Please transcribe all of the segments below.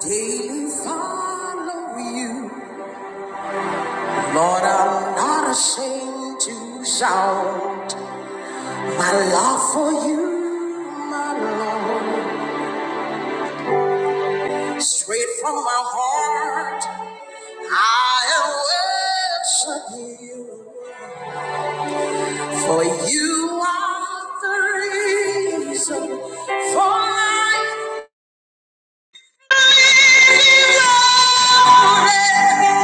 daily follow you. Lord, I'm not ashamed to shout my love for you, my Lord. Straight from my heart, I will worship you. For you are the reason for my glory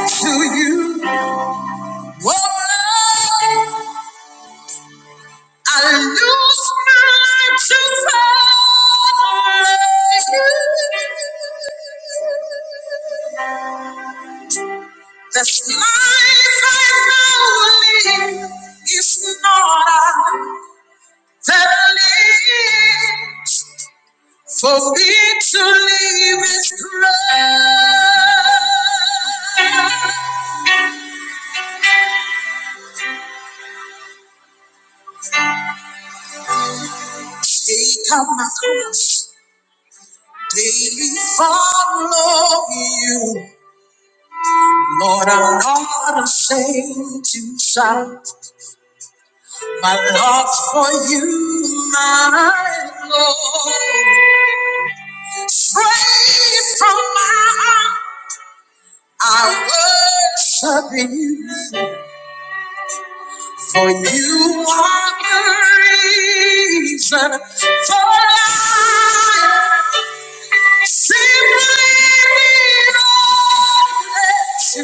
to you. Oh, Lord. I lose my desire. This life I now live is not a live. For me to live is grace. Take up my cross. Daily follow you. Lord, I'm not ashamed to shout. My love's for you, my Lord. Straight from my heart, I worship you. For you are the reason for life. Simply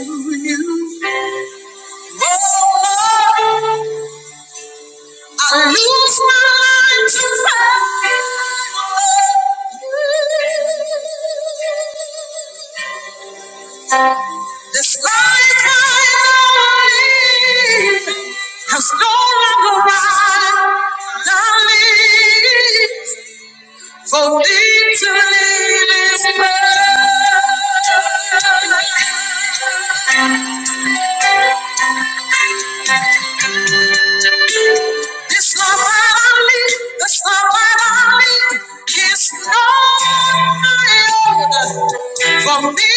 belong to you. Oh, Lord, I lose my mind to find you. This life I live has no longer right. I live for thee to live is perfect. This life I live, this life I live is no longer for me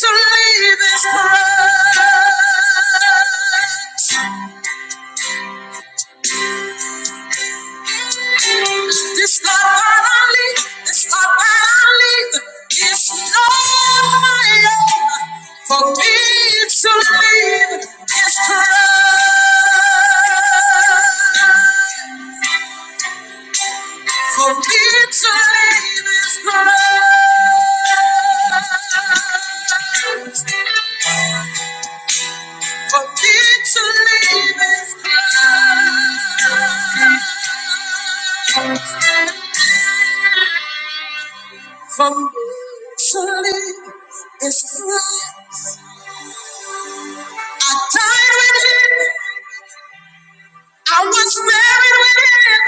to live is perfect. This love I leave, this love I leave, this love I love for me to leave this love for me to leave this love for me to leave this love for me to leave this love. I died with it. I was buried with it.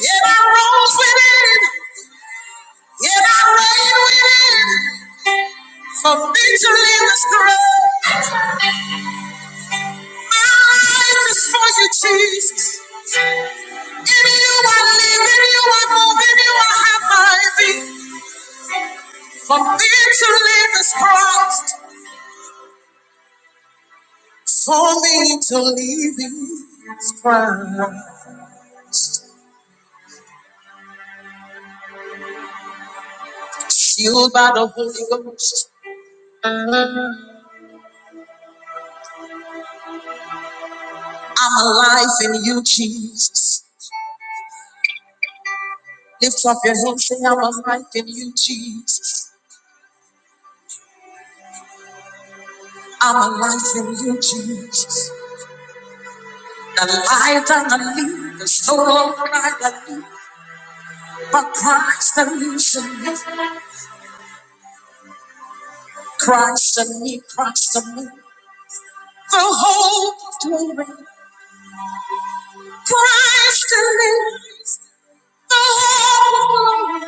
Yet I rose with it. Yet I reigned with it. For victory was great. My life is for you, Jesus. In you I live, in you I move, in you I have my being. For victory is Christ. For me to live is Christ. Sealed by the Holy Ghost. I'm alive in you, Jesus. Lift up your hands, say, I'm alive in you, Jesus. I'm alive in you, Jesus. The life that I live is no longer I that live, but Christ that lives in me. Christ in me, Christ in me. The hope of glory. Christ in me. The hope of glory.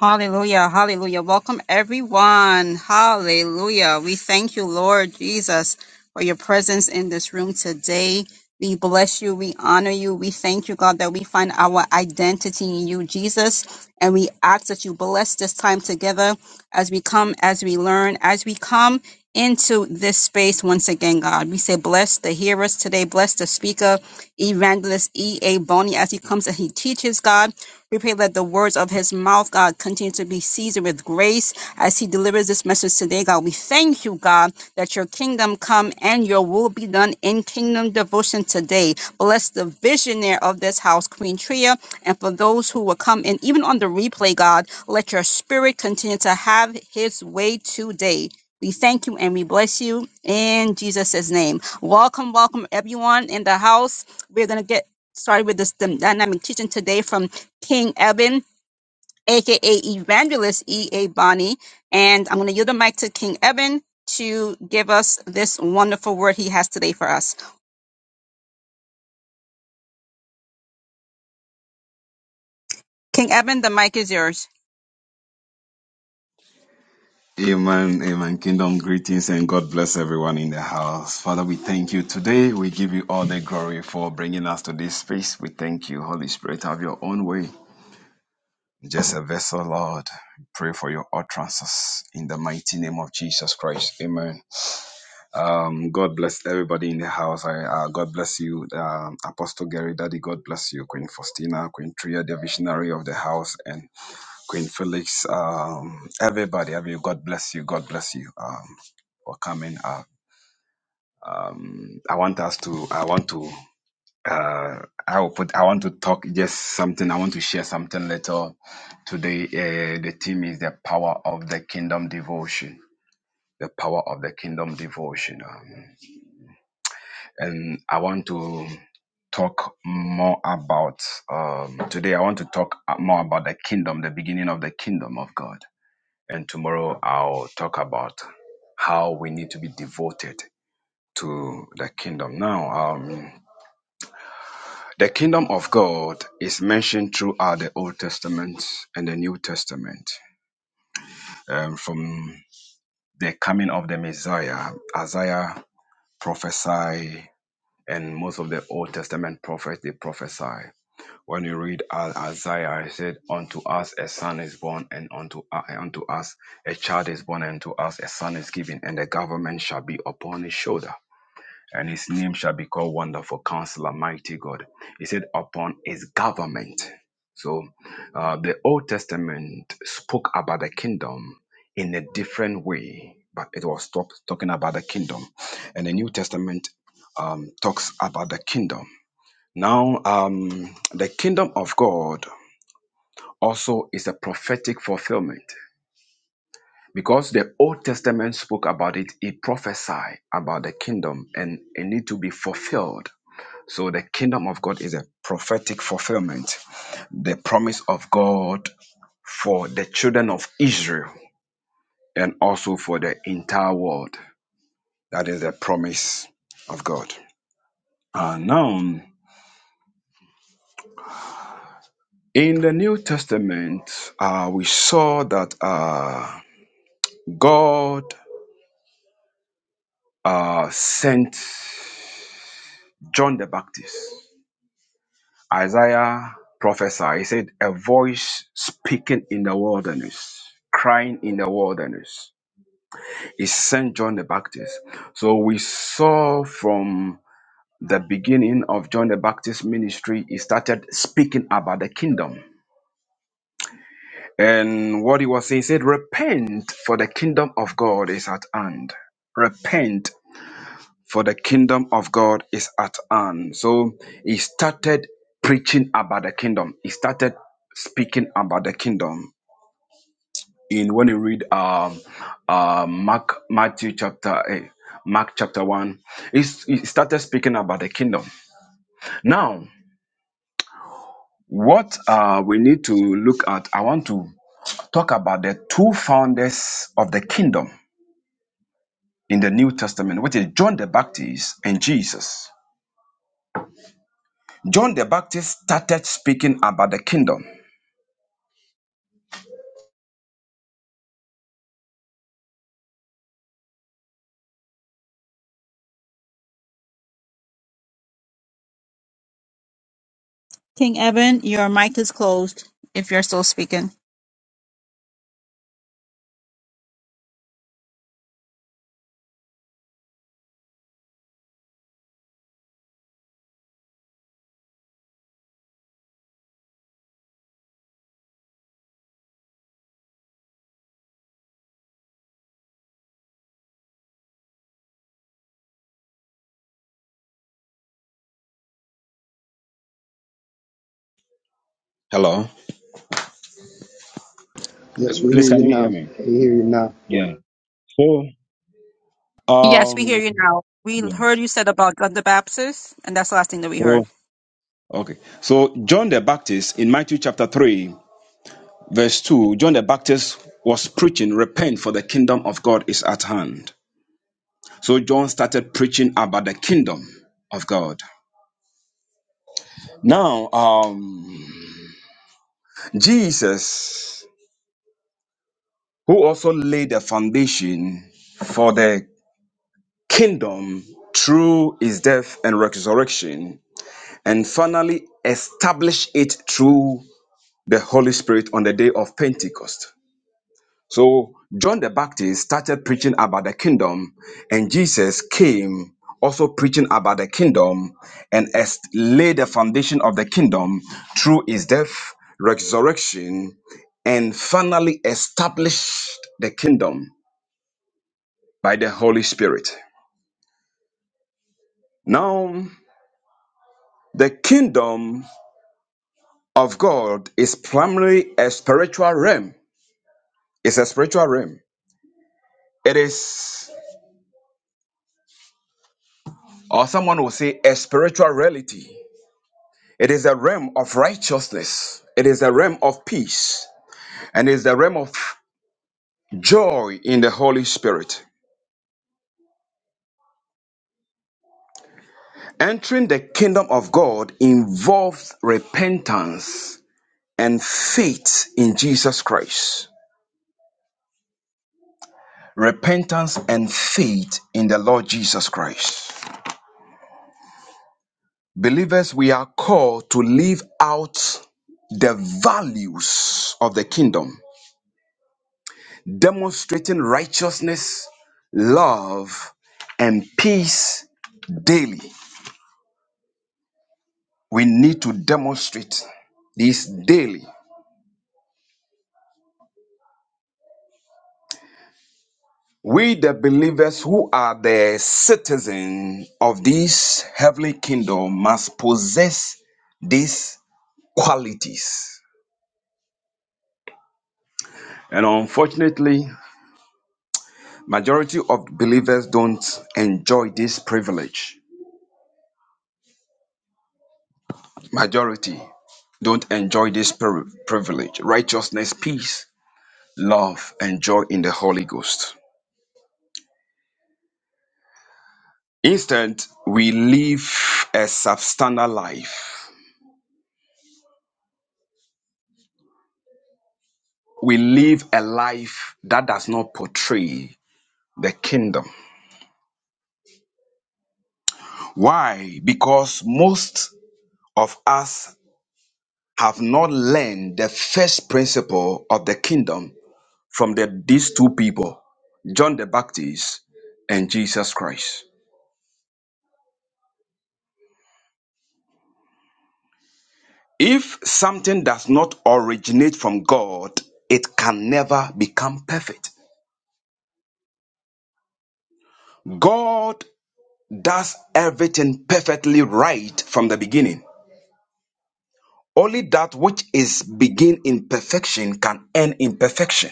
Hallelujah, hallelujah. Welcome everyone. Hallelujah. We thank you, Lord Jesus, for your presence in this room today. We bless you. We honor you. We thank you, God, that we find our identity in you, Jesus. And we ask that you bless this time together as we come, as we learn, as we come into this space once again, God. We say, bless the hearers today, bless the speakers. Tamika, Evangelist E.A. Boney, as he comes and he teaches, God. We pray that the words of his mouth, God, continue to be seasoned with grace as he delivers this message today, God. We thank you, God, that your kingdom come and your will be done in kingdom devotion today. Bless the visionary of this house, Queen Tria, and for those who will come in, even on the replay, God, let your spirit continue to have his way today. We thank you and we bless you in Jesus' name. Welcome, welcome everyone in the house. We're gonna get started with this dyn- dynamic teaching today from King Eben, aka Evangelist E.A. Bonnie. And I'm gonna yield the mic to King Eben to give us this wonderful word he has today for us. King Eben, the mic is yours. Amen, amen. Kingdom greetings and God bless everyone in the house. Father, we thank you today. We give you all the glory for bringing us to this space. We thank you, Holy Spirit. Have your own way. Just a vessel, Lord. Pray for your utterances in the mighty name of Jesus Christ. Amen. Um, God bless everybody in the house. I, uh, God bless you, um, Apostle Gary Daddy. God bless you, Queen Faustina, Queen Tria, the visionary of the house, and Queen Felix, um, everybody, every God bless you. God bless you um, for coming. Uh, I want us to. I want to. Uh, I will put. I want to talk just something. I want to share something little today. Uh, the theme is the power of the kingdom devotion. The power of the kingdom devotion, um, and I want to talk more about um, today. I want to talk more about the kingdom, the beginning of the kingdom of God. And tomorrow I'll talk about how we need to be devoted to the kingdom. Now, um, the kingdom of God is mentioned throughout the Old Testament and the New Testament. Um, from the coming of the Messiah, Isaiah prophesied, and most of the Old Testament prophets they prophesy. When you read uh, Isaiah, he said, "Unto us a son is born, and unto uh, unto us a child is born, and to us a son is given, and the government shall be upon his shoulder." And his name shall be called Wonderful Counselor, Mighty God. He said, upon his government. So uh, the Old Testament spoke about the kingdom in a different way, but it was talk, talking about the kingdom. And the New Testament um, talks about the kingdom. Now, um, the kingdom of God also is a prophetic fulfillment because the Old Testament spoke about it. It prophesied about the kingdom and it need to be fulfilled. So the kingdom of God is a prophetic fulfillment, the promise of God for the children of Israel and also for the entire world. That is the promise of God. And now, in the New Testament, uh, we saw that. Uh, God uh, sent John the Baptist. Isaiah prophesied, he said, A voice speaking in the wilderness, crying in the wilderness. He sent John the Baptist. So we saw from the beginning of John the Baptist's ministry, he started speaking about the kingdom. And what he was saying, he said, Repent, for the kingdom of God is at hand. Repent for the kingdom of God is at hand. So he started preaching about the kingdom. He started speaking about the kingdom. In when you read um, uh, Mark Matthew chapter eh, Mark chapter one, he's- he started speaking about the kingdom. Now, what uh, we need to look at, I want to talk about the two founders of the kingdom in the New Testament, which is John the Baptist and Jesus. John the Baptist started speaking about the kingdom. King Eben, your mic is closed if you're still speaking. Hello. Yes, we hear Please, can you you hear now. me? We hear you now. Yeah. So, Yes, we hear um, you now. We yeah. heard you said about God the Baptist, and that's the last thing that we So, heard. okay. So, John the Baptist in Matthew chapter 3, verse 2, John the Baptist was preaching, Repent, for the kingdom of God is at hand. So, John started preaching about the kingdom of God. Now, um, Jesus, who also laid the foundation for the kingdom through his death and resurrection, and finally established it through the Holy Spirit on the day of Pentecost. So John the Baptist started preaching about the kingdom, and Jesus came also preaching about the kingdom and est- laid the foundation of the kingdom through his death, resurrection, and finally established the kingdom by the Holy Spirit. Now, the kingdom of God is primarily a spiritual realm. It's a spiritual realm. It is Or someone will say a spiritual reality. It is a realm of righteousness. It is a realm of peace. And it is a realm of joy in the Holy Spirit. Entering the kingdom of God involves repentance and faith in Jesus Christ. Repentance and faith in the Lord Jesus Christ. Believers, we are called to live out the values of the kingdom demonstrating righteousness, love, and peace daily. We need to demonstrate this daily. We, the believers who are the citizens of this heavenly kingdom, must possess these qualities. And unfortunately, majority of believers don't enjoy this privilege. Majority don't enjoy this pri- privilege, righteousness, peace, love, and joy in the Holy Ghost. Instead, we live a substandard life. We live a life that does not portray the kingdom. Why? Because most of us have not learned the first principle of the kingdom from the, these two people, John the Baptist and Jesus Christ. If something does not originate from God, it can never become perfect. God does everything perfectly right from the beginning. Only that which is begin in perfection can end in perfection.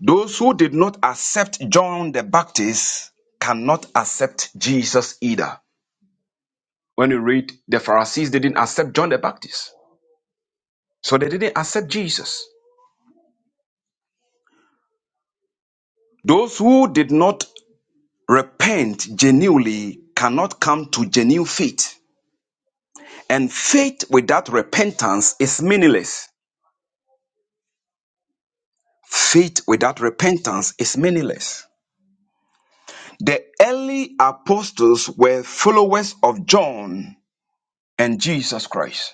Those who did not accept John the Baptist cannot accept Jesus either. When you read, the Pharisees didn't accept John the Baptist, so they didn't accept Jesus. Those who did not repent genuinely cannot come to genuine faith, and faith without repentance is meaningless. Faith without repentance is meaningless. The early apostles were followers of John and Jesus Christ.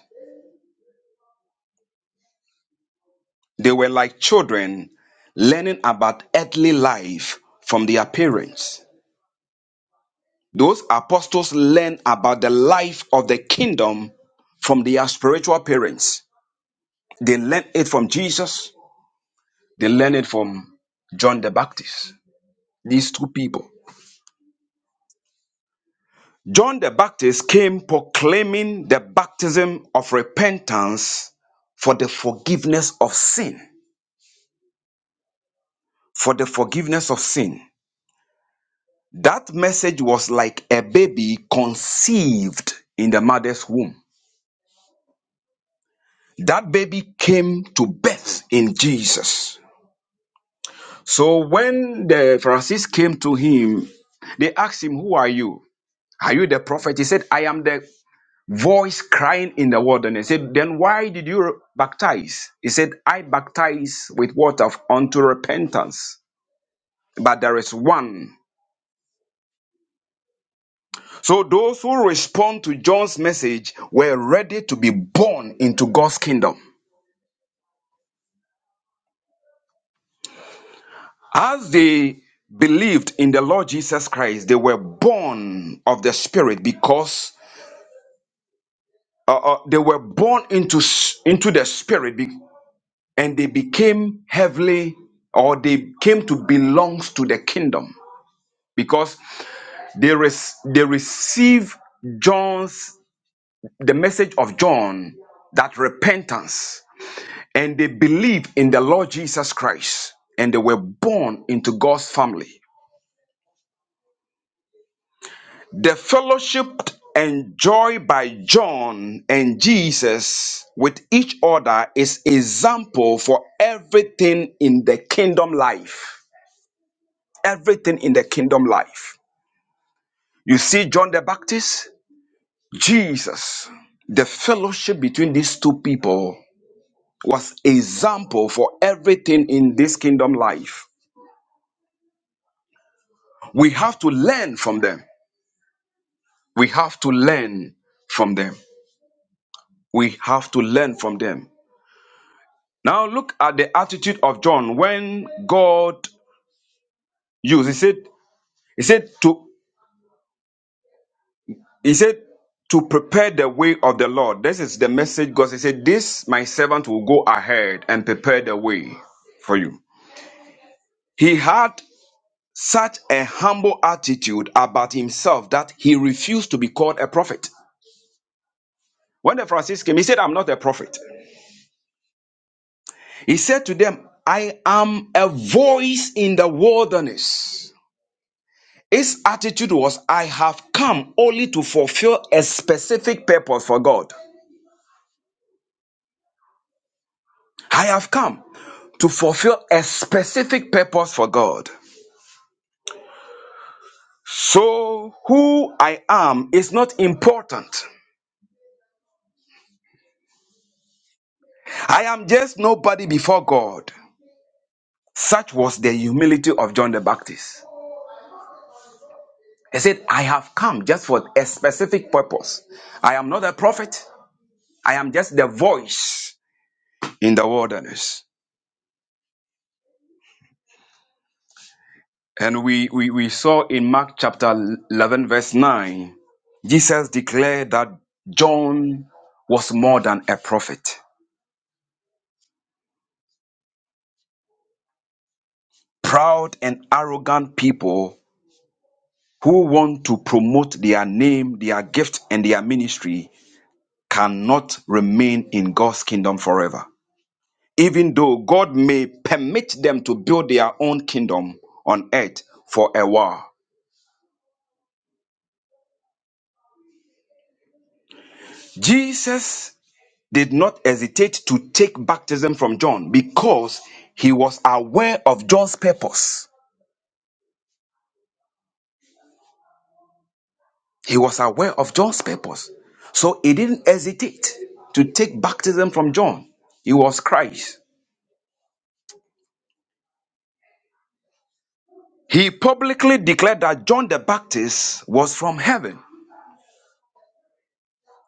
They were like children learning about earthly life from their parents. Those apostles learned about the life of the kingdom from their spiritual parents. They learned it from Jesus, they learned it from John the Baptist. These two people. John the Baptist came proclaiming the baptism of repentance for the forgiveness of sin. For the forgiveness of sin. That message was like a baby conceived in the mother's womb. That baby came to birth in Jesus. So when the Pharisees came to him, they asked him, Who are you? Are you the prophet? He said, I am the voice crying in the wilderness. He Said, then why did you baptize? He said, I baptize with water unto repentance, but there is one. So those who respond to John's message were ready to be born into God's kingdom. As they believed in the Lord Jesus Christ, they were born of the Spirit because uh, uh, they were born into s- into the Spirit, be- and they became heavenly, or they came to belong to the kingdom. because they res- they receive John's the message of John that repentance and they believe in the Lord Jesus Christ and they were born into God's family. The fellowship enjoyed by John and Jesus with each other is example for everything in the kingdom life. Everything in the kingdom life. You see John the Baptist, Jesus, the fellowship between these two people was example for everything in this kingdom life. We have to learn from them. We have to learn from them. We have to learn from them. Now look at the attitude of John when God used. He said, He said to He said to prepare the way of the Lord. This is the message God said. He said, This my servant will go ahead and prepare the way for you. He had such a humble attitude about himself that he refused to be called a prophet. When the Pharisees came, he said, I'm not a prophet. He said to them, I am a voice in the wilderness. His attitude was, I have come only to fulfill a specific purpose for God. I have come to fulfill a specific purpose for God. So, who I am is not important. I am just nobody before God. Such was the humility of John the Baptist. He said, I have come just for a specific purpose. I am not a prophet. I am just the voice in the wilderness. And we, we, we saw in Mark chapter 11, verse 9, Jesus declared that John was more than a prophet. Proud and arrogant people who want to promote their name, their gift, and their ministry cannot remain in God's kingdom forever. even though God may permit them to build their own kingdom on earth for a while. Jesus did not hesitate to take baptism from John because he was aware of John's purpose. He was aware of John's purpose. So he didn't hesitate to take baptism from John. He was Christ. He publicly declared that John the Baptist was from heaven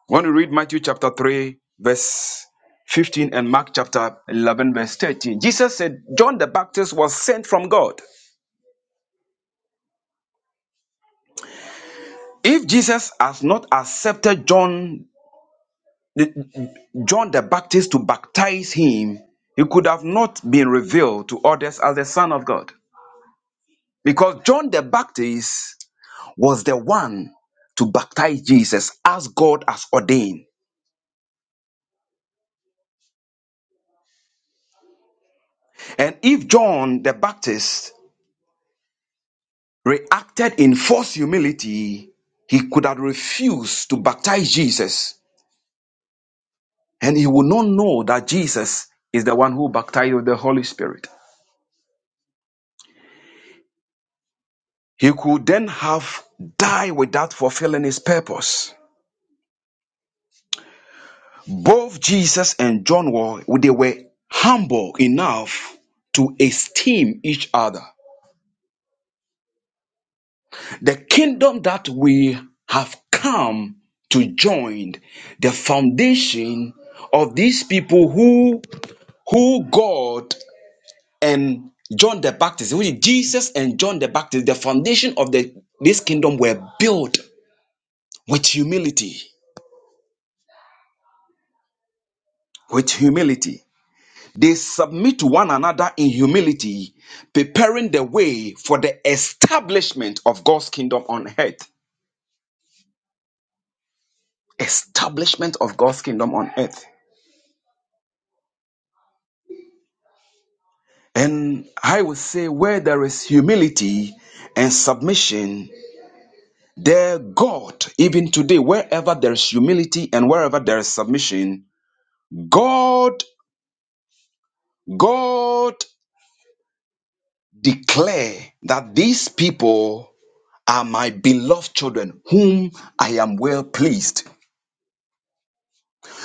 When we read Matthew chapter 3, verse 15, and Mark chapter 11, verse 13, Jesus said, John the Baptist was sent from God. If Jesus has not accepted John, John the Baptist to baptize him, he could have not been revealed to others as the Son of God. Because John the Baptist was the one to baptize Jesus as God has ordained. And if John the Baptist reacted in false humility, he could have refused to baptize Jesus, and he would not know that Jesus is the one who baptized with the Holy Spirit. He could then have died without fulfilling his purpose. Both Jesus and John were they were humble enough to esteem each other. The kingdom that we have come to join, the foundation of these people who who God and John the Baptist, which Jesus and John the Baptist, the foundation of the this kingdom were built with humility. With humility. They submit to one another in humility, preparing the way for the establishment of God's kingdom on earth. Establishment of God's kingdom on earth. And I would say, where there is humility and submission, Their God, even today, wherever there is humility and wherever there is submission, God, God declare that these people are my beloved children, whom I am well pleased.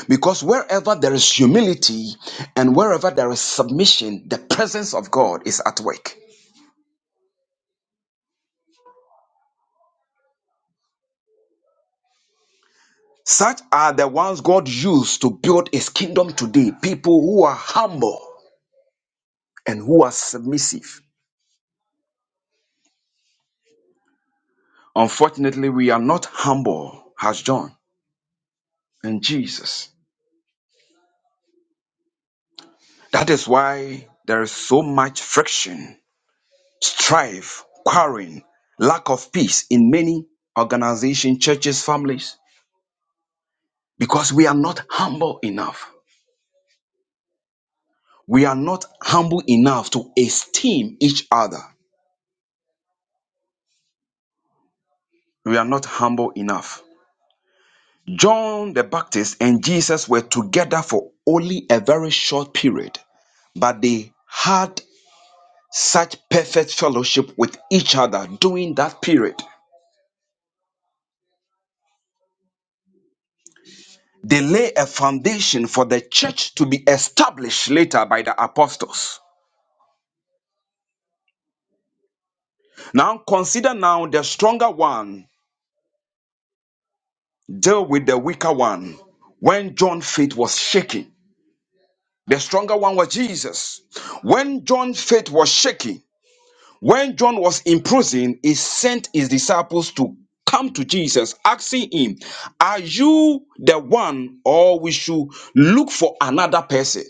Because wherever there is humility and wherever there is submission, the presence of God is at work. Such are the ones God used to build his kingdom today, people who are humble and who are submissive. Unfortunately, we are not humble as John and Jesus. That is why there is so much friction, strife, quarreling, lack of peace in many organizations, churches, families, because we are not humble enough. We are not humble enough to esteem each other. We are not humble enough. John the Baptist and Jesus were together for only a very short period but they had such perfect fellowship with each other during that period. They lay a foundation for the church to be established later by the apostles. Now consider now the stronger one deal with the weaker one. When John's faith was shaking, the stronger one was Jesus. When John's faith was shaking. When John was in prison, he sent his disciples to come to Jesus, asking him, Are you the one, or we should look for another person?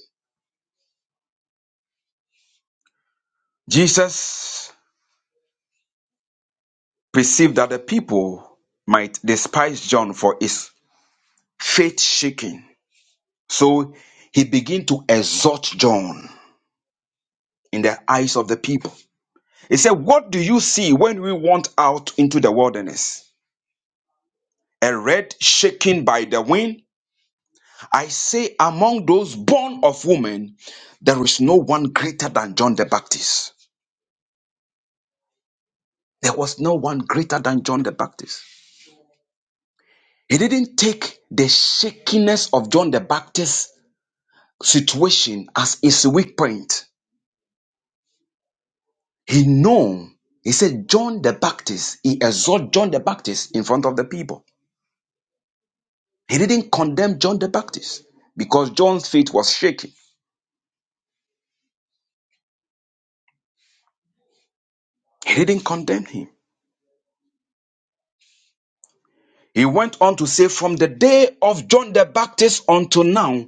Jesus perceived that the people might despise John for his faith shaking. So he began to exhort John in the eyes of the people. He said, What do you see when we went out into the wilderness? A red shaken by the wind? I say, among those born of woman, there is no one greater than John the Baptist. There was no one greater than John the Baptist. He didn't take the shakiness of John the Baptist's situation as his weak point. He knew. He said, John the Baptist, he exhorted John the Baptist in front of the people. He didn't condemn John the Baptist because John's faith was shaken. He didn't condemn him. He went on to say, From the day of John the Baptist until now,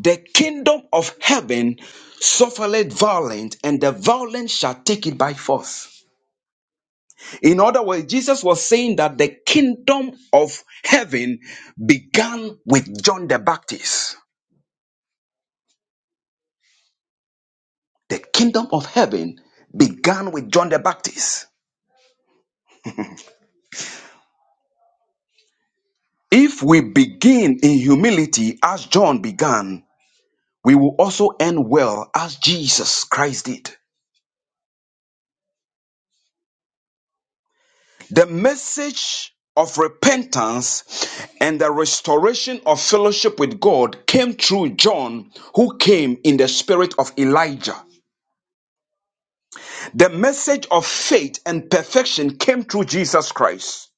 The kingdom of heaven suffereth violence, and the violent shall take it by force. In other words, Jesus was saying that the kingdom of heaven began with John the Baptist. The kingdom of heaven began with John the Baptist. If we begin in humility as John began, we will also end well as Jesus Christ did. The message of repentance and the restoration of fellowship with God came through John, who came in the spirit of Elijah. The message of faith and perfection came through Jesus Christ.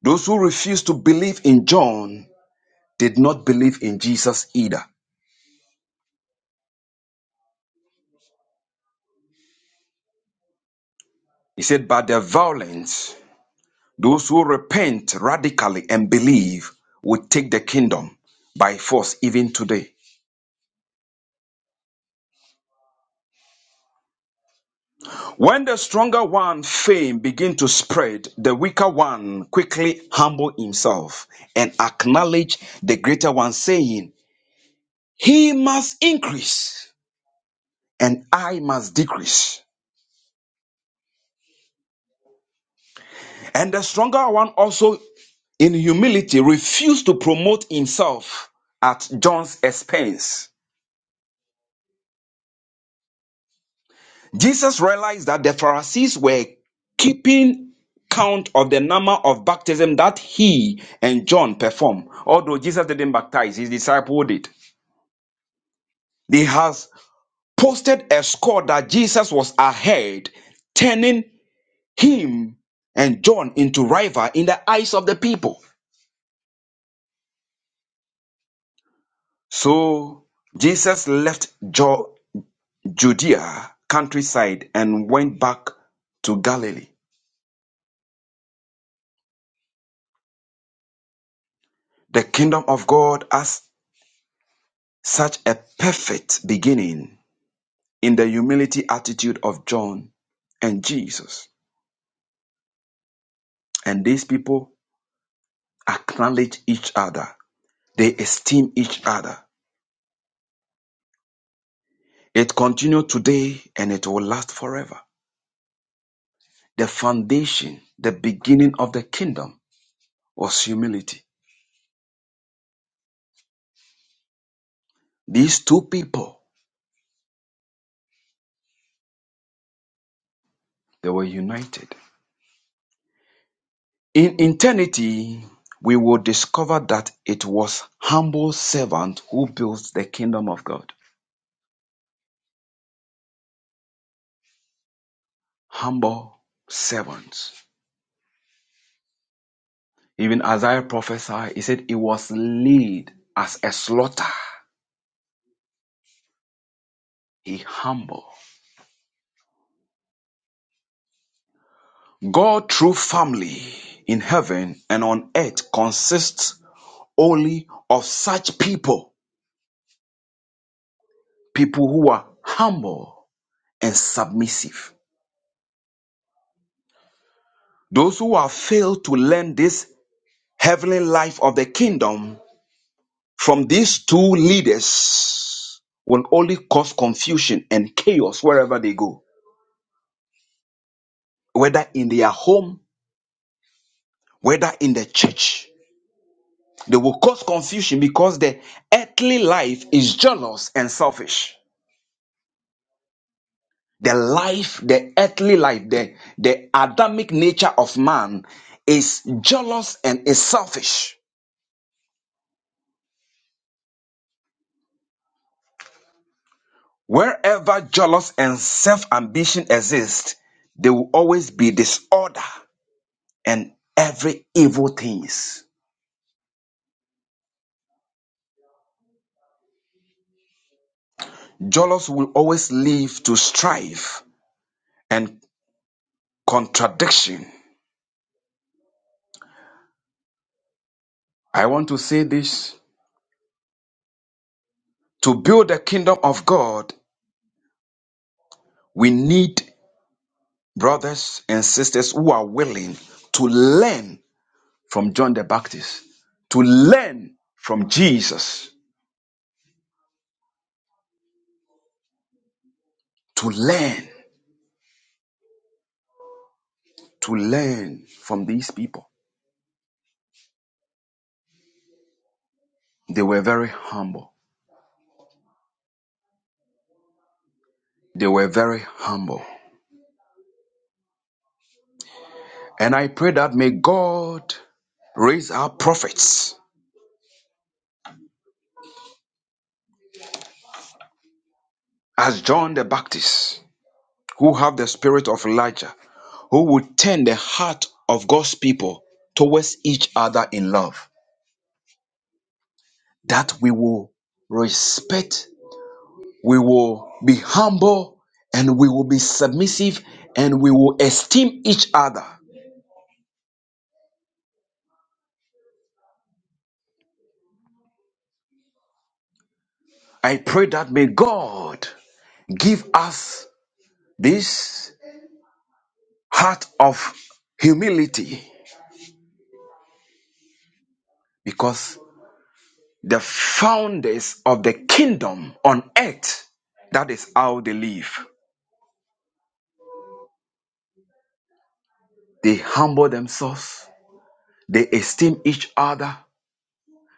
Those who refused to believe in John did not believe in Jesus either. He said, By their violence, those who repent radically and believe will take the kingdom by force even today. When the stronger one fame begin to spread, the weaker one quickly humble himself and acknowledge the greater one saying, he must increase and I must decrease. And the stronger one also in humility refused to promote himself at John's expense. Jesus realized that the Pharisees were keeping count of the number of baptism that he and John performed. Although Jesus didn't baptize, his disciple did. They has posted a score that Jesus was ahead, turning him and John into rival in the eyes of the people. So Jesus left Jo- Judea countryside and went back to Galilee. The kingdom of God, as Such a perfect beginning in the humility attitude of John and Jesus. And these people acknowledge each other, they esteem each other. It continues today and it will last forever. The foundation, the beginning of the kingdom was humility. These two people, they were united. In eternity, we will discover that it was humble servant who built the kingdom of God. Humble servants. Even Isaiah prophesied, he said, He was laid as a slaughter, he humble. God true family in heaven and on earth consists only of such people, people who are humble and submissive. Those who have failed to learn this heavenly life of the kingdom from these two leaders will only cause confusion and chaos wherever they go, whether in their home, whether in the church. They will cause confusion because the earthly life is jealous and selfish. The life, the earthly life, the, the Adamic nature of man is jealous and is selfish. Wherever jealous and self ambition exist, there will always be disorder and every evil things. Jealous will always lead to strife and contradiction. I want to say this to build the kingdom of God We need brothers and sisters who are willing to learn from John the Baptist, to learn from Jesus, to learn, to learn from these people. They were very humble. They were very humble. And I pray that may God raise up prophets as John the Baptist, who have the spirit of Elijah, who will turn the heart of God's people towards each other in love. that we will respect, we will be humble, and we will be submissive, and we will esteem each other. I pray that may God give us this heart of humility because the founders of the kingdom on earth, that is how they live. They humble themselves, they esteem each other,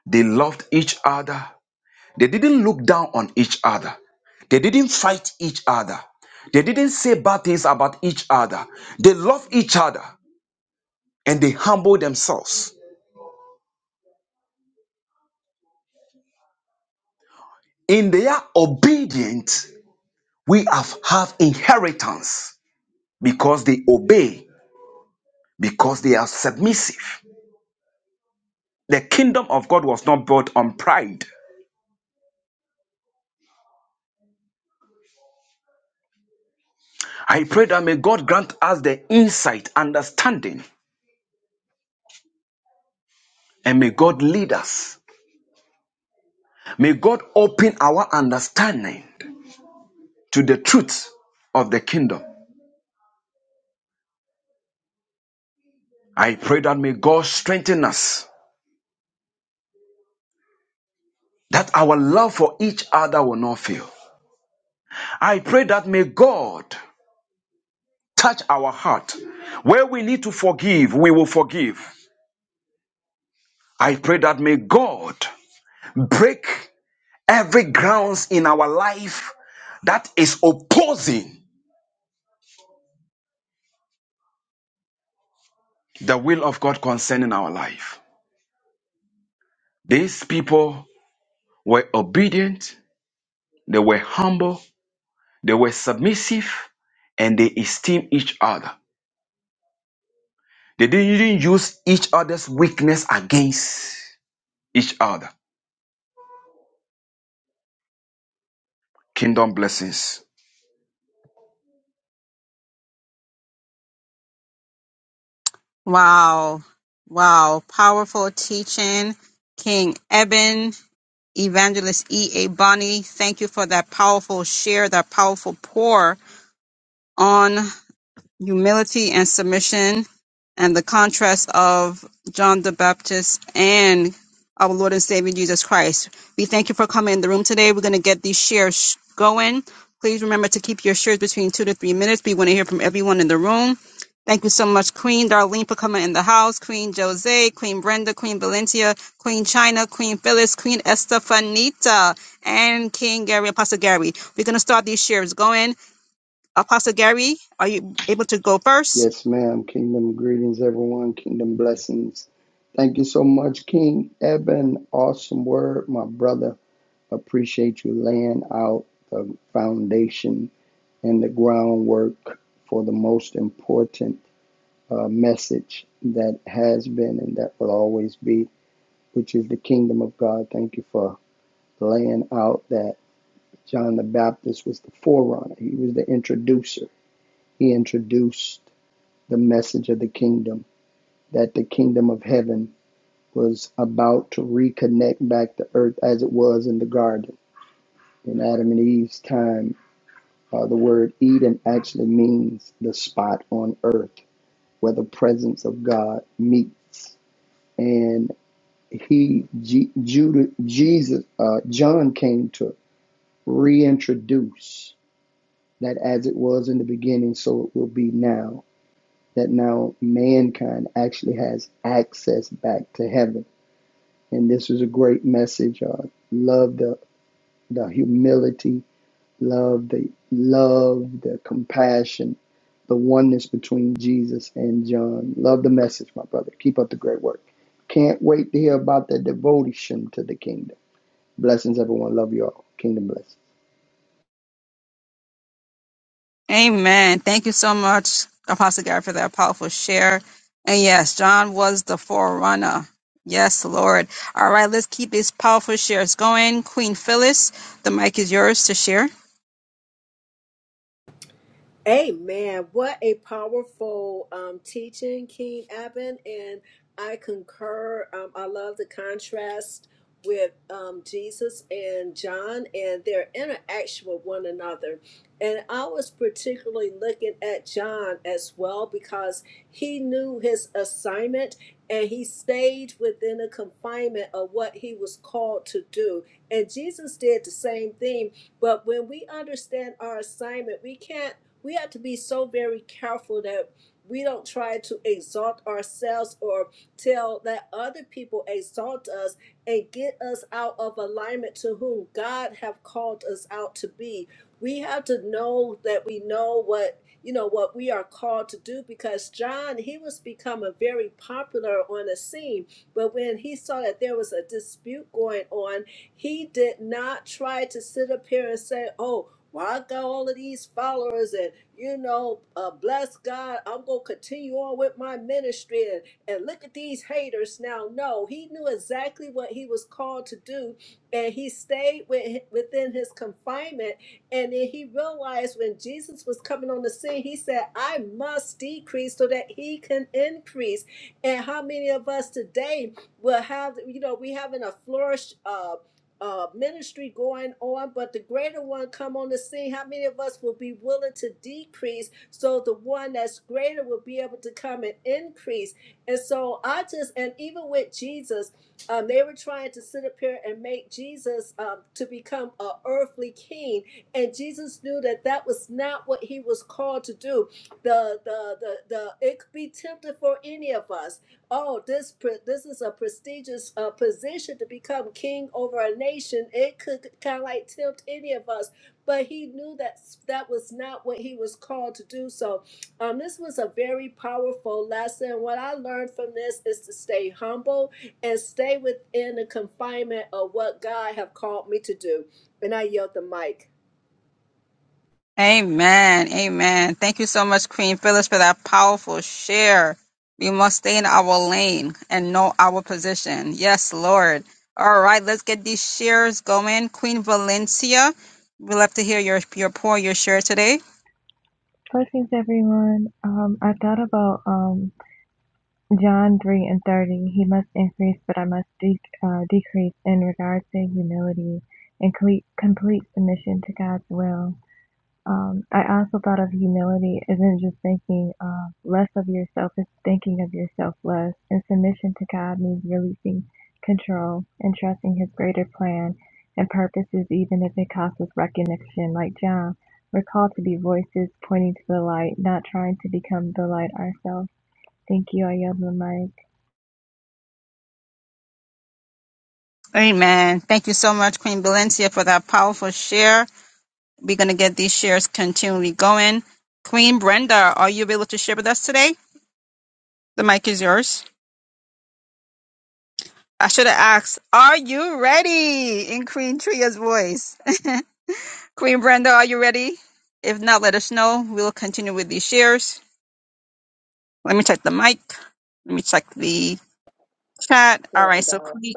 they loved each other, They didn't look down on each other. They didn't fight each other. They didn't say bad things about each other. They love each other and they humble themselves. In their obedience, we have, have inheritance because they obey, because they are submissive. The kingdom of God was not built on pride. I pray that may God grant us the insight, understanding, and may God lead us. May God open our understanding to the truth of the kingdom. I pray that may God strengthen us, that our love for each other will not fail. I pray that may God touch our heart. Where we need to forgive, we will forgive. I pray that may God break every grounds in our life that is opposing the will of God concerning our life. These people were obedient, they were humble, They were submissive and they esteemed each other. They didn't use each other's weakness against each other. Kingdom blessings. Wow. Wow. Powerful teaching. King Eben. Evangelist E. A. Bonney, thank you for that powerful share, that powerful pour on humility and submission and the contrast of John the Baptist and our Lord and Savior Jesus Christ. We thank you for coming in the room today. We're going to get these shares going. Please remember to keep your shares between two to three minutes. We want to hear from everyone in the room. Thank you so much, Queen Darlene, for coming in the house. Queen Jose, Queen Brenda, Queen Valencia, Queen China, Queen Phyllis, Queen Estefanita, and King Gary, Apostle Gary. We're going to start these shares going. Apostle Gary, are you able to go first? Yes, ma'am. Kingdom greetings, everyone. Kingdom blessings. Thank you so much, King Eben. Awesome word, my brother. Appreciate you laying out the foundation and the groundwork for the most important uh, message that has been and that will always be, which is the kingdom of God. Thank you for laying out that John the Baptist was the forerunner, he was the introducer. He introduced the message of the kingdom, that the kingdom of heaven was about to reconnect back to earth as it was in the garden. In Adam and Eve's time, uh, the word Eden actually means the spot on earth where the presence of God meets. And he, G, Judah, Jesus, uh, John came to reintroduce that as it was in the beginning, so it will be now. That now mankind actually has access back to heaven And this was a great message. Uh, love the, the humility, love the love, the compassion, the oneness between Jesus and John. Love the message, my brother. Keep up the great work. Can't wait to hear about the devotion to the kingdom. Blessings, everyone. Love you all. Kingdom blessings. Amen. Thank you so much, Apostle Gary, for that powerful share. And yes, John was the forerunner. Yes, Lord. All right, let's keep these powerful shares going. Queen Phyllis, the mic is yours to share. Amen. What a powerful um, teaching, King Eben. And I concur. Um, I love the contrast with um, Jesus and John and their interaction with one another. And I was particularly looking at John as well because he knew his assignment and he stayed within the confinement of what he was called to do. And Jesus did the same thing. But when we understand our assignment, we can't we have to be so very careful that we don't try to exalt ourselves or tell that other people exalt us and get us out of alignment to whom God have called us out to be. We have to know that we know what you know what we are called to do because John he was becoming very popular on the scene but when he saw that there was a dispute going on he did not try to sit up here and say oh well, I got all of these followers, and you know, uh, bless God, I'm gonna continue on with my ministry. And, and look at these haters now. No, he knew exactly what he was called to do, and he stayed with, within his confinement. And then he realized when Jesus was coming on the scene, he said, I must decrease so that he can increase. And how many of us today will have, you know, we having a flourish. uh, uh, ministry going on, but the greater one come on the scene. How many of us will be willing to decrease so the one that's greater will be able to come and increase? And so I just, and even with Jesus, um, they were trying to sit up here and make Jesus um, to become a earthly king, and Jesus knew that that was not what he was called to do. The the the the it could be tempted for any of us oh, this pre- this is a prestigious uh, position to become king over a nation. It could kind of like tempt any of us, but he knew that that was not what he was called to do. So, um, this was a very powerful lesson. What I learned from this is to stay humble and stay within the confinement of what God have called me to do. And I yield the mic. Amen. Amen. Thank you so much, Queen Phyllis, for that powerful share. We must stay in our lane and know our position. Yes, Lord. All right, let's get these shares going. Queen Valencia, we love to hear your, your pour, your share today. Blessings, everyone. Um, I thought about um, John 3 and 30. He must increase, but I must de- uh, decrease in regards to humility and cle- complete submission to God's will. Um, I also thought of humility isn't just thinking uh, less of yourself, it's thinking of yourself less. And submission to God means releasing control and trusting His greater plan and purposes, even if it costs us recognition. Like John, we're called to be voices pointing to the light, not trying to become the light ourselves. Thank you. I yield the mic. Amen. Thank you so much, Queen Valencia, for that powerful share. We're going to get these shares continually going. Queen Brenda, are you able to share with us today? The mic is yours. I should have asked, are you ready? In Queen Tria's voice. Queen Brenda, are you ready? If not, let us know. We'll continue with these shares. Let me check the mic. Let me check the chat. There All I right, so go. Queen.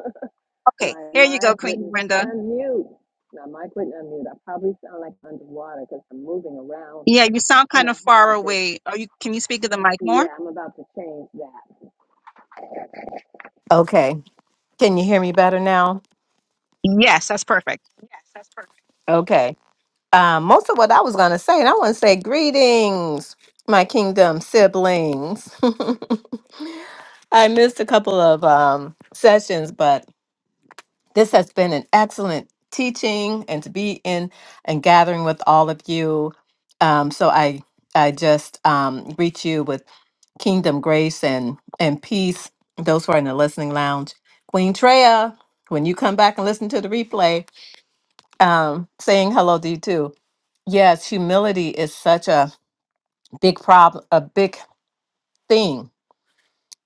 Okay, My here you go, mic Queen wouldn't Brenda. unmute. My mic wouldn't unmute. I probably sound like underwater because I'm moving around Yeah, you sound and kind I of far have this. away. Are you? Can you speak to the mic more? Yeah, I'm about to change that. Okay. Can you hear me better now? Yes, that's perfect. Okay. Um, most of what I was going to say, and I want to say greetings, my kingdom siblings. I missed a couple of um, sessions, but This has been an excellent teaching and to be in and gathering with all of you. Um, so I I just um, greet you with kingdom grace and and peace. Those who are in the listening lounge, Queen Treya, when you come back and listen to the replay, um, saying hello to you too. Yes, humility is such a big problem, a big thing,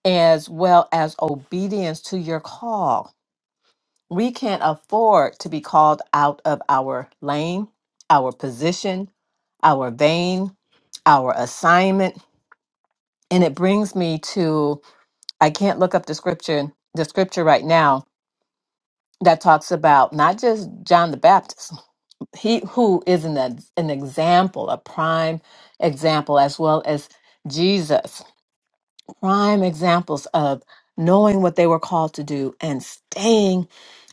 as well as obedience to your call We can't afford to be called out of our lane, our position, our vein, our assignment. And it brings me to I can't look up the scripture, the scripture right now that talks about not just John the Baptist, he who is an, ex- an example, a prime example, as well as Jesus, prime examples of knowing what they were called to do and staying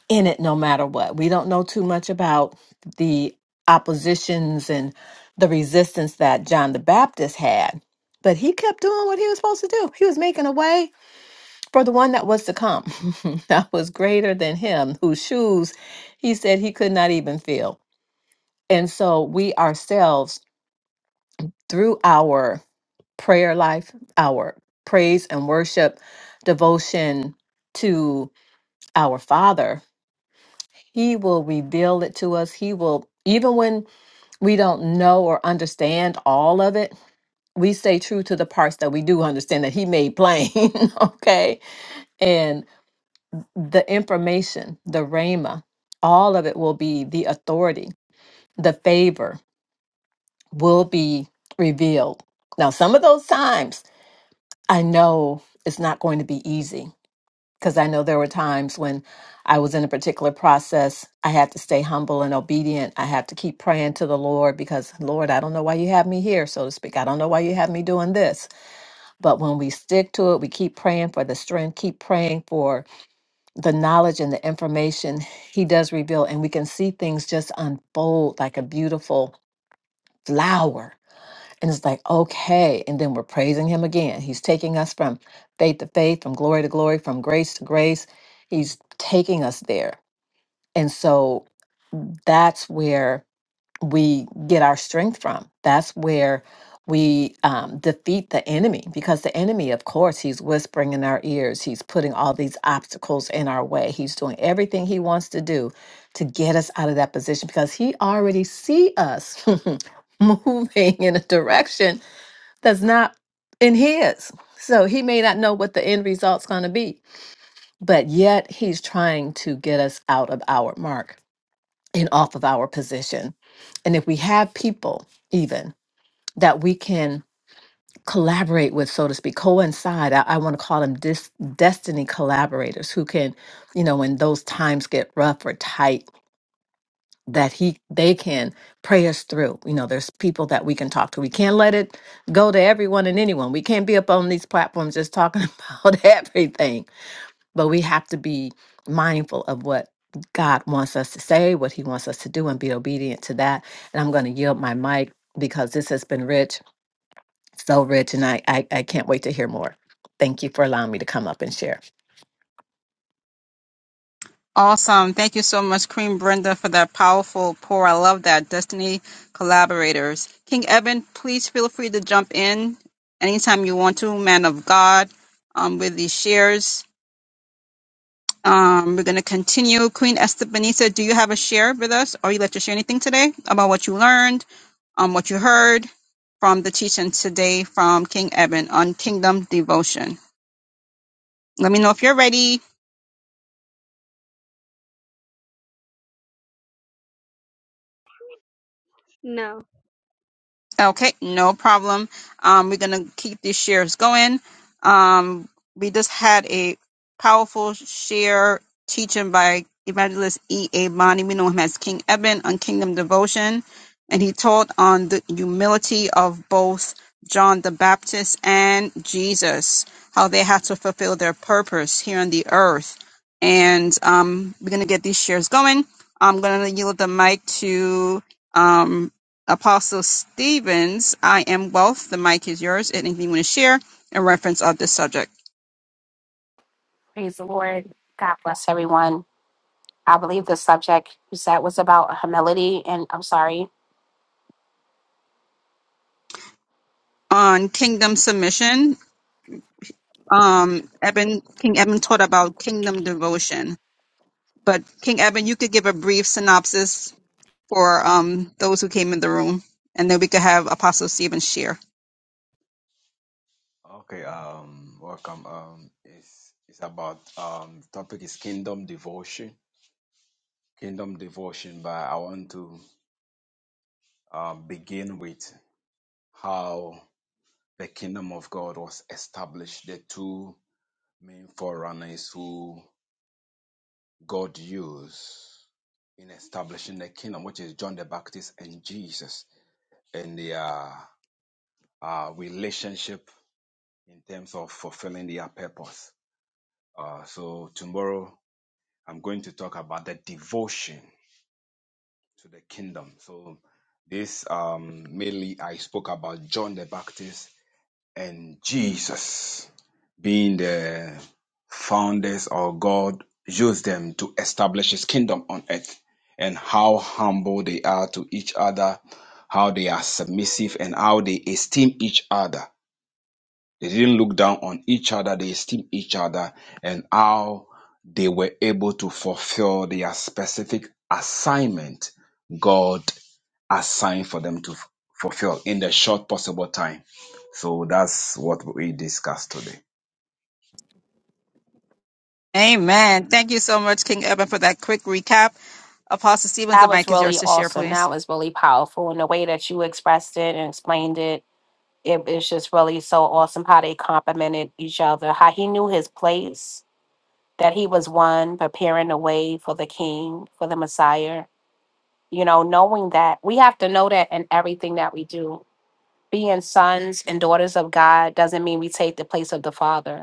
in it no matter what. We don't know too much about the oppositions and the resistance that John the Baptist had, but he kept doing what he was supposed to do. He was making a way for the one that was to come, that was greater than him, whose shoes he said he could not even feel. And so we ourselves, through our prayer life, our praise and worship, devotion to our Father, He will reveal it to us. He will, even when we don't know or understand all of it, we stay true to the parts that we do understand that He made plain. okay. And the information, the Rhema, all of it will be the authority, the favor will be revealed. Now, some of those times, I know it's not going to be easy because I know there were times when I was in a particular process. I had to stay humble and obedient. I had to keep praying to the Lord because, Lord, I don't know why you have me here, so to speak. I don't know why you have me doing this. But when we stick to it, we keep praying for the strength, keep praying for the knowledge and the information He does reveal, and we can see things just unfold like a beautiful flower and it's like, okay. And then we're praising him again. He's taking us from faith to faith, from glory to glory, from grace to grace. He's taking us there. And so that's where we get our strength from. That's where we um, defeat the enemy because the enemy, of course, he's whispering in our ears. He's putting all these obstacles in our way. He's doing everything he wants to do to get us out of that position because he already see us moving in a direction that's not in his. So he may not know what the end result's going to be, but yet he's trying to get us out of our mark and off of our position. And if we have people, even that we can collaborate with, so to speak, coincide, I, I want to call them dis- destiny collaborators who can, you know, when those times get rough or tight that he they can pray us through. You know, there's people that we can talk to. We can't let it go to everyone and anyone. We can't be up on these platforms just talking about everything. But we have to be mindful of what God wants us to say, what he wants us to do and be obedient to that. And I'm going to yield my mic because this has been rich. So rich, and I, I, I can't wait to hear more. Thank you for allowing me to come up and share. Awesome. Thank you so much, Queen Brenda, for that powerful pour. I love that. Destiny collaborators. King Eben, please feel free to jump in anytime you want to, man of God, um, with these shares. Um, we're going to continue. Queen Estebanisa, do you have a share with us? Or you like to share anything today about what you learned, um, what you heard from the teaching today from King Eben on kingdom devotion? Let me know if you're ready. No, Okay, no problem. Um, we're gonna keep these shares going. Um, we just had a powerful share teaching by Evangelist E. A. Bonney. We know him as King Eben on Kingdom Devotion, and he taught on the humility of both John the Baptist and Jesus, how they had to fulfill their purpose here on the earth. And um, we're gonna get these shares going. I'm gonna yield the mic to um, Apostle Stevens, I am wealth. The mic is yours. Anything you want to share in reference of this subject Praise the Lord. God bless everyone. I believe the subject you said was about humility, and I'm sorry. on kingdom submission? Um, Eben, King Eben taught about kingdom devotion, but King Eben, you could give a brief synopsis for um those who came in the room, and then we could have Apostle Stevens share. Okay, um, welcome. Um, it's it's about um, the topic is kingdom devotion, kingdom devotion. But I want to um, begin with how the kingdom of God was established. The two main forerunners who God used. in establishing the kingdom, which is John the Baptist and Jesus, and their uh, relationship in terms of fulfilling their purpose. Uh, so tomorrow I'm going to talk about the devotion to the kingdom. So this um, mainly I spoke about John the Baptist and Jesus. being the founders or God used them to establish his kingdom on earth and how humble they are to each other, how they are submissive and how they esteem each other. They didn't look down on each other, they esteem each other and how they were able to fulfill their specific assignment God assigned for them to f- fulfill in the short possible time. So that's what we discussed today. Amen. Thank you so much, King Eben, for that quick recap. Apostle Stevens, the That was mic is really yours to share, awesome. please. That was really powerful. And the way that you expressed it and explained it, it is just really so awesome how they complimented each other, how he knew his place, that he was one preparing the way for the king, for the Messiah. You know, knowing that we have to know that in everything that we do. Being sons and daughters of God doesn't mean we take the place of the Father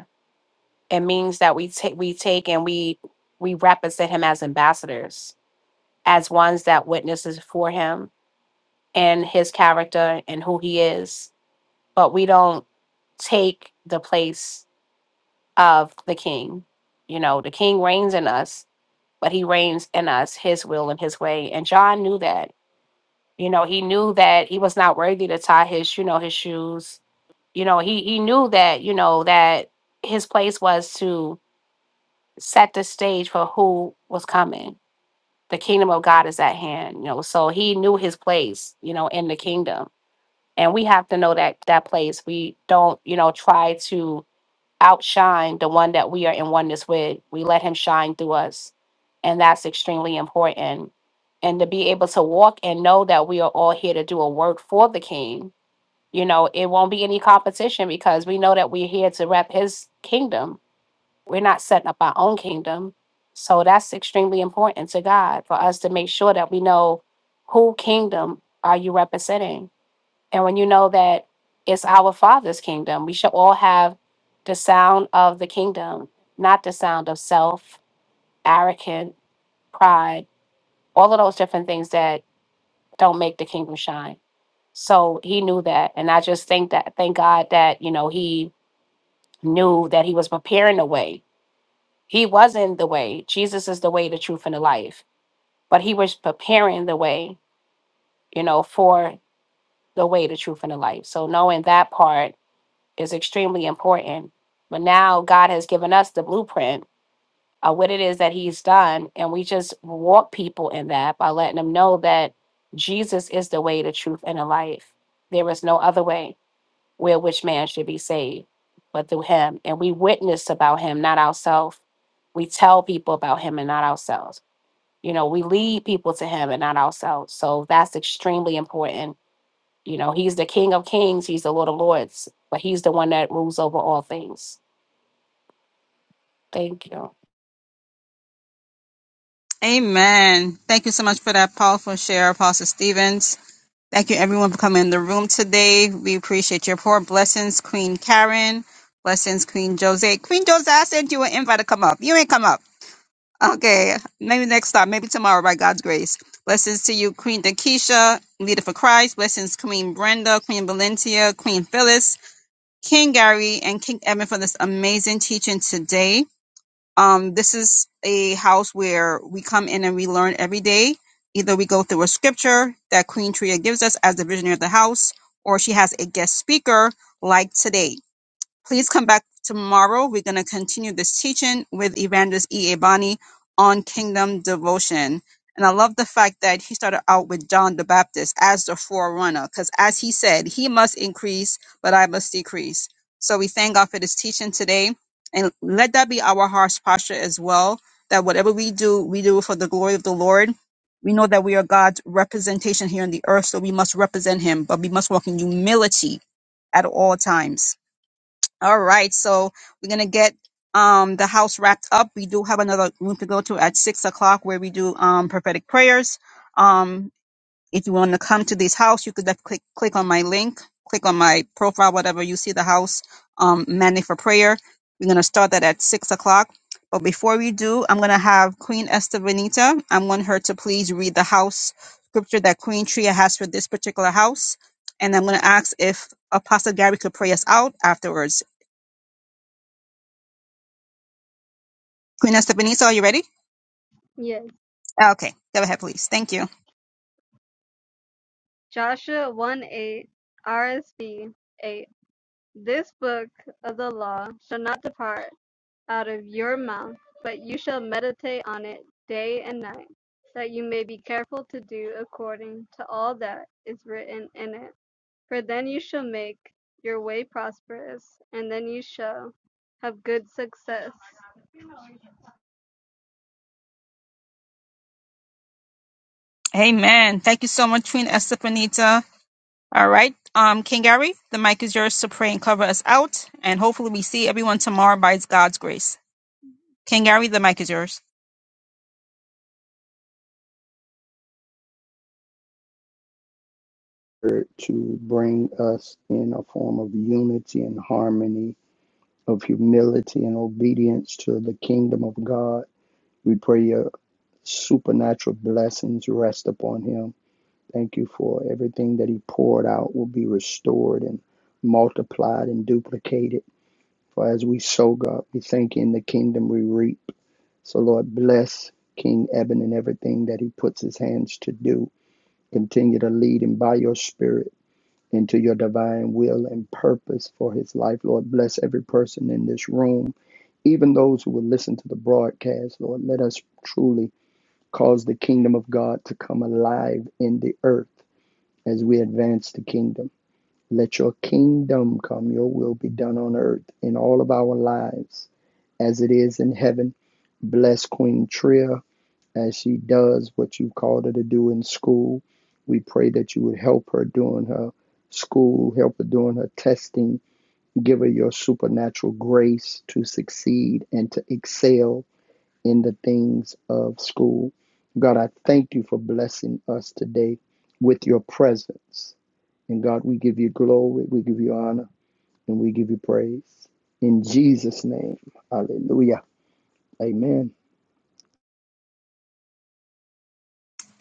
It means that we take we take and we we represent him as ambassadors, as ones that witnesses for him and his character and who he is. But we don't take the place of the king. You know, the king reigns in us, but he reigns in us his will and his way. And John knew that. You know, he knew that he was not worthy to tie his, you know, his shoes. You know, he he knew that, you know, that his place was to set the stage for who was coming. The kingdom of God is at hand, you know. So he knew his place, you know, in the kingdom. And we have to know that that place. We don't, you know, try to outshine the one that we are in oneness with. We let him shine through us. And that's extremely important. And to be able to walk and know that we are all here to do a work for the king. You know, it won't be any competition because we know that we're here to rep his kingdom we're not setting up our own kingdom. So that's extremely important to God for us to make sure that we know who kingdom are you representing. And when you know that it's our Father's kingdom, we should all have the sound of the kingdom, not the sound of self, arrogant, pride, all of those different things that don't make the kingdom shine. So he knew that. And I just think that, thank God that, you know, he knew that he was preparing the way He wasn't the way. Jesus is the way, the truth, and the life. But he was preparing the way, you know, for the way, the truth, and the life. So knowing that part is extremely important. But now God has given us the blueprint of what it is that he's done. And we just walk people in that by letting them know that Jesus is the way, the truth, and the life. There is no other way where which man should be saved but through him. And we witness about him, not ourselves. We tell people about him and not ourselves. You know, we lead people to him and not ourselves. So that's extremely important. You know, he's the King of Kings, he's the Lord of Lords, but he's the one that rules over all things. Thank you. Amen. Thank you so much for that powerful share, Apostle Stevens. Thank you, everyone, for coming in the room today. We appreciate your poor blessings, Queen Karen. Blessings, Queen Jose. Queen Jose, I sent you an invite to come up. You ain't come up. Okay, maybe next time, maybe tomorrow, by God's grace. Blessings to you, Queen Dakisha, leader for Christ. Blessings, Queen Brenda, Queen Valencia, Queen Phyllis, King Gary, and King Evan for this amazing teaching today. Um, this is a house where we come in and we learn every day. Either we go through a scripture that Queen Tria gives us as the visionary of the house, or she has a guest speaker like today. Please come back tomorrow. We're going to continue this teaching with Evangelist E. Abani on kingdom devotion. And I love the fact that he started out with John the Baptist as the forerunner, because as he said, he must increase, but I must decrease. So we thank God for this teaching today. And let that be our heart's posture as well, that whatever we do, we do for the glory of the Lord. We know that we are God's representation here on the earth, so we must represent him, but we must walk in humility at all times. All right, so we're gonna get um the house wrapped up. We do have another room to go to at six o'clock where we do um prophetic prayers. Um, if you want to come to this house, you could def- click click on my link, click on my profile, whatever you see the house um Monday for prayer. We're gonna start that at six o'clock. But before we do, I'm gonna have Queen Esther Benita. I want her to please read the house scripture that Queen Tria has for this particular house, and I'm gonna ask if Apostle Gary could pray us out afterwards. Queen Estebanita, are you ready? yes, Okay, go ahead, please. Thank you. Joshua one eight RSV eight. This book of the law shall not depart out of your mouth, but you shall meditate on it day and night, that you may be careful to do according to all that is written in it. For then you shall make your way prosperous, and then you shall have good success. Amen. Thank you so much, Queen Estebanita. All right, um, King Gary, the mic is yours to pray and cover us out, and hopefully we see everyone tomorrow by God's grace. King Gary, the mic is yours. To bring us in a form of unity and harmony, of humility and obedience to the kingdom of God We pray your supernatural blessings rest upon him. Thank you for everything that he poured out will be restored and multiplied and duplicated. For as we sow, God, we thank you in the kingdom we reap. So, Lord, bless King Eben and everything that he puts his hands to do. Continue to lead him by your spirit into your divine will and purpose for his life. Lord, bless every person in this room, even those who will listen to the broadcast. Lord, let us truly Cause the kingdom of God to come alive in the earth as we advance the kingdom. Let your kingdom come, your will be done on earth in all of our lives as it is in heaven. Bless Queen Tria as she does what you called her to do in school. We pray that you would help her during her school, help her during her testing, give her your supernatural grace to succeed and to excel in the things of school. God, I thank you for blessing us today with your presence. And God, we give you glory, we give you honor, and we give you praise. In Jesus' name, hallelujah. Amen.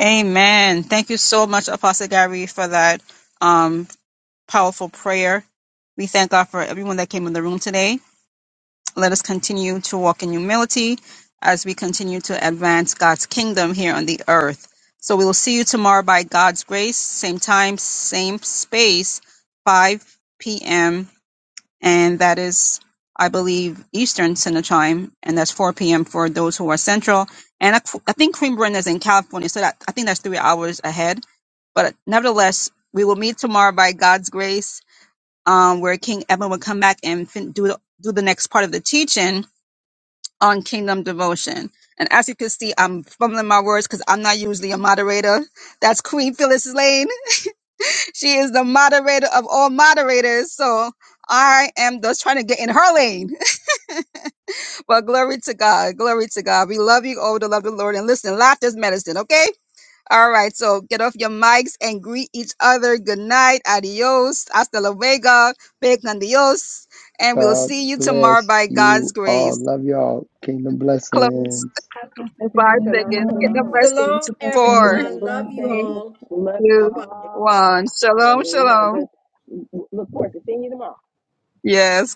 Amen. Thank you so much, Apostle Gary, for that um powerful prayer. We thank God for everyone that came in the room today. Let us continue to walk in humility as we continue to advance God's kingdom here on the earth. So we will see you tomorrow by God's grace, same time, same space, 5 p.m. And that is, I believe, Eastern Standard Time. And that's 4 p.m. for those who are Central. And I, I think Cream Run is in California. So that, I think that's three hours ahead. But nevertheless, we will meet tomorrow by God's grace, um, where King Edwin will come back and fin- do, do the next part of the teaching on Kingdom Devotion. And as you can see, I'm fumbling my words because I'm not usually a moderator. That's Queen Phyllis Lane. She is the moderator of all moderators. So I am just trying to get in her lane. But glory to God. Glory to God. We love you all to love the Lord. And listen, laughter is medicine, okay? All right. So get off your mics and greet each other. Good night. Adios. Hasta luego. Big adios. And we'll God see you tomorrow bless by God's you all. grace. Love y'all. Kingdom Close. blessings. God bless in five everyone. Shalom, seconds. Hasta luego. Get the Shalom. shalom. blessings. Shalom, Keep up, James. Four, Kingdom everyone. Love Bye. you three, blessings. all. Love you Bye two, bye. all. one. Have a Shalom, shalom. good. Look Yes.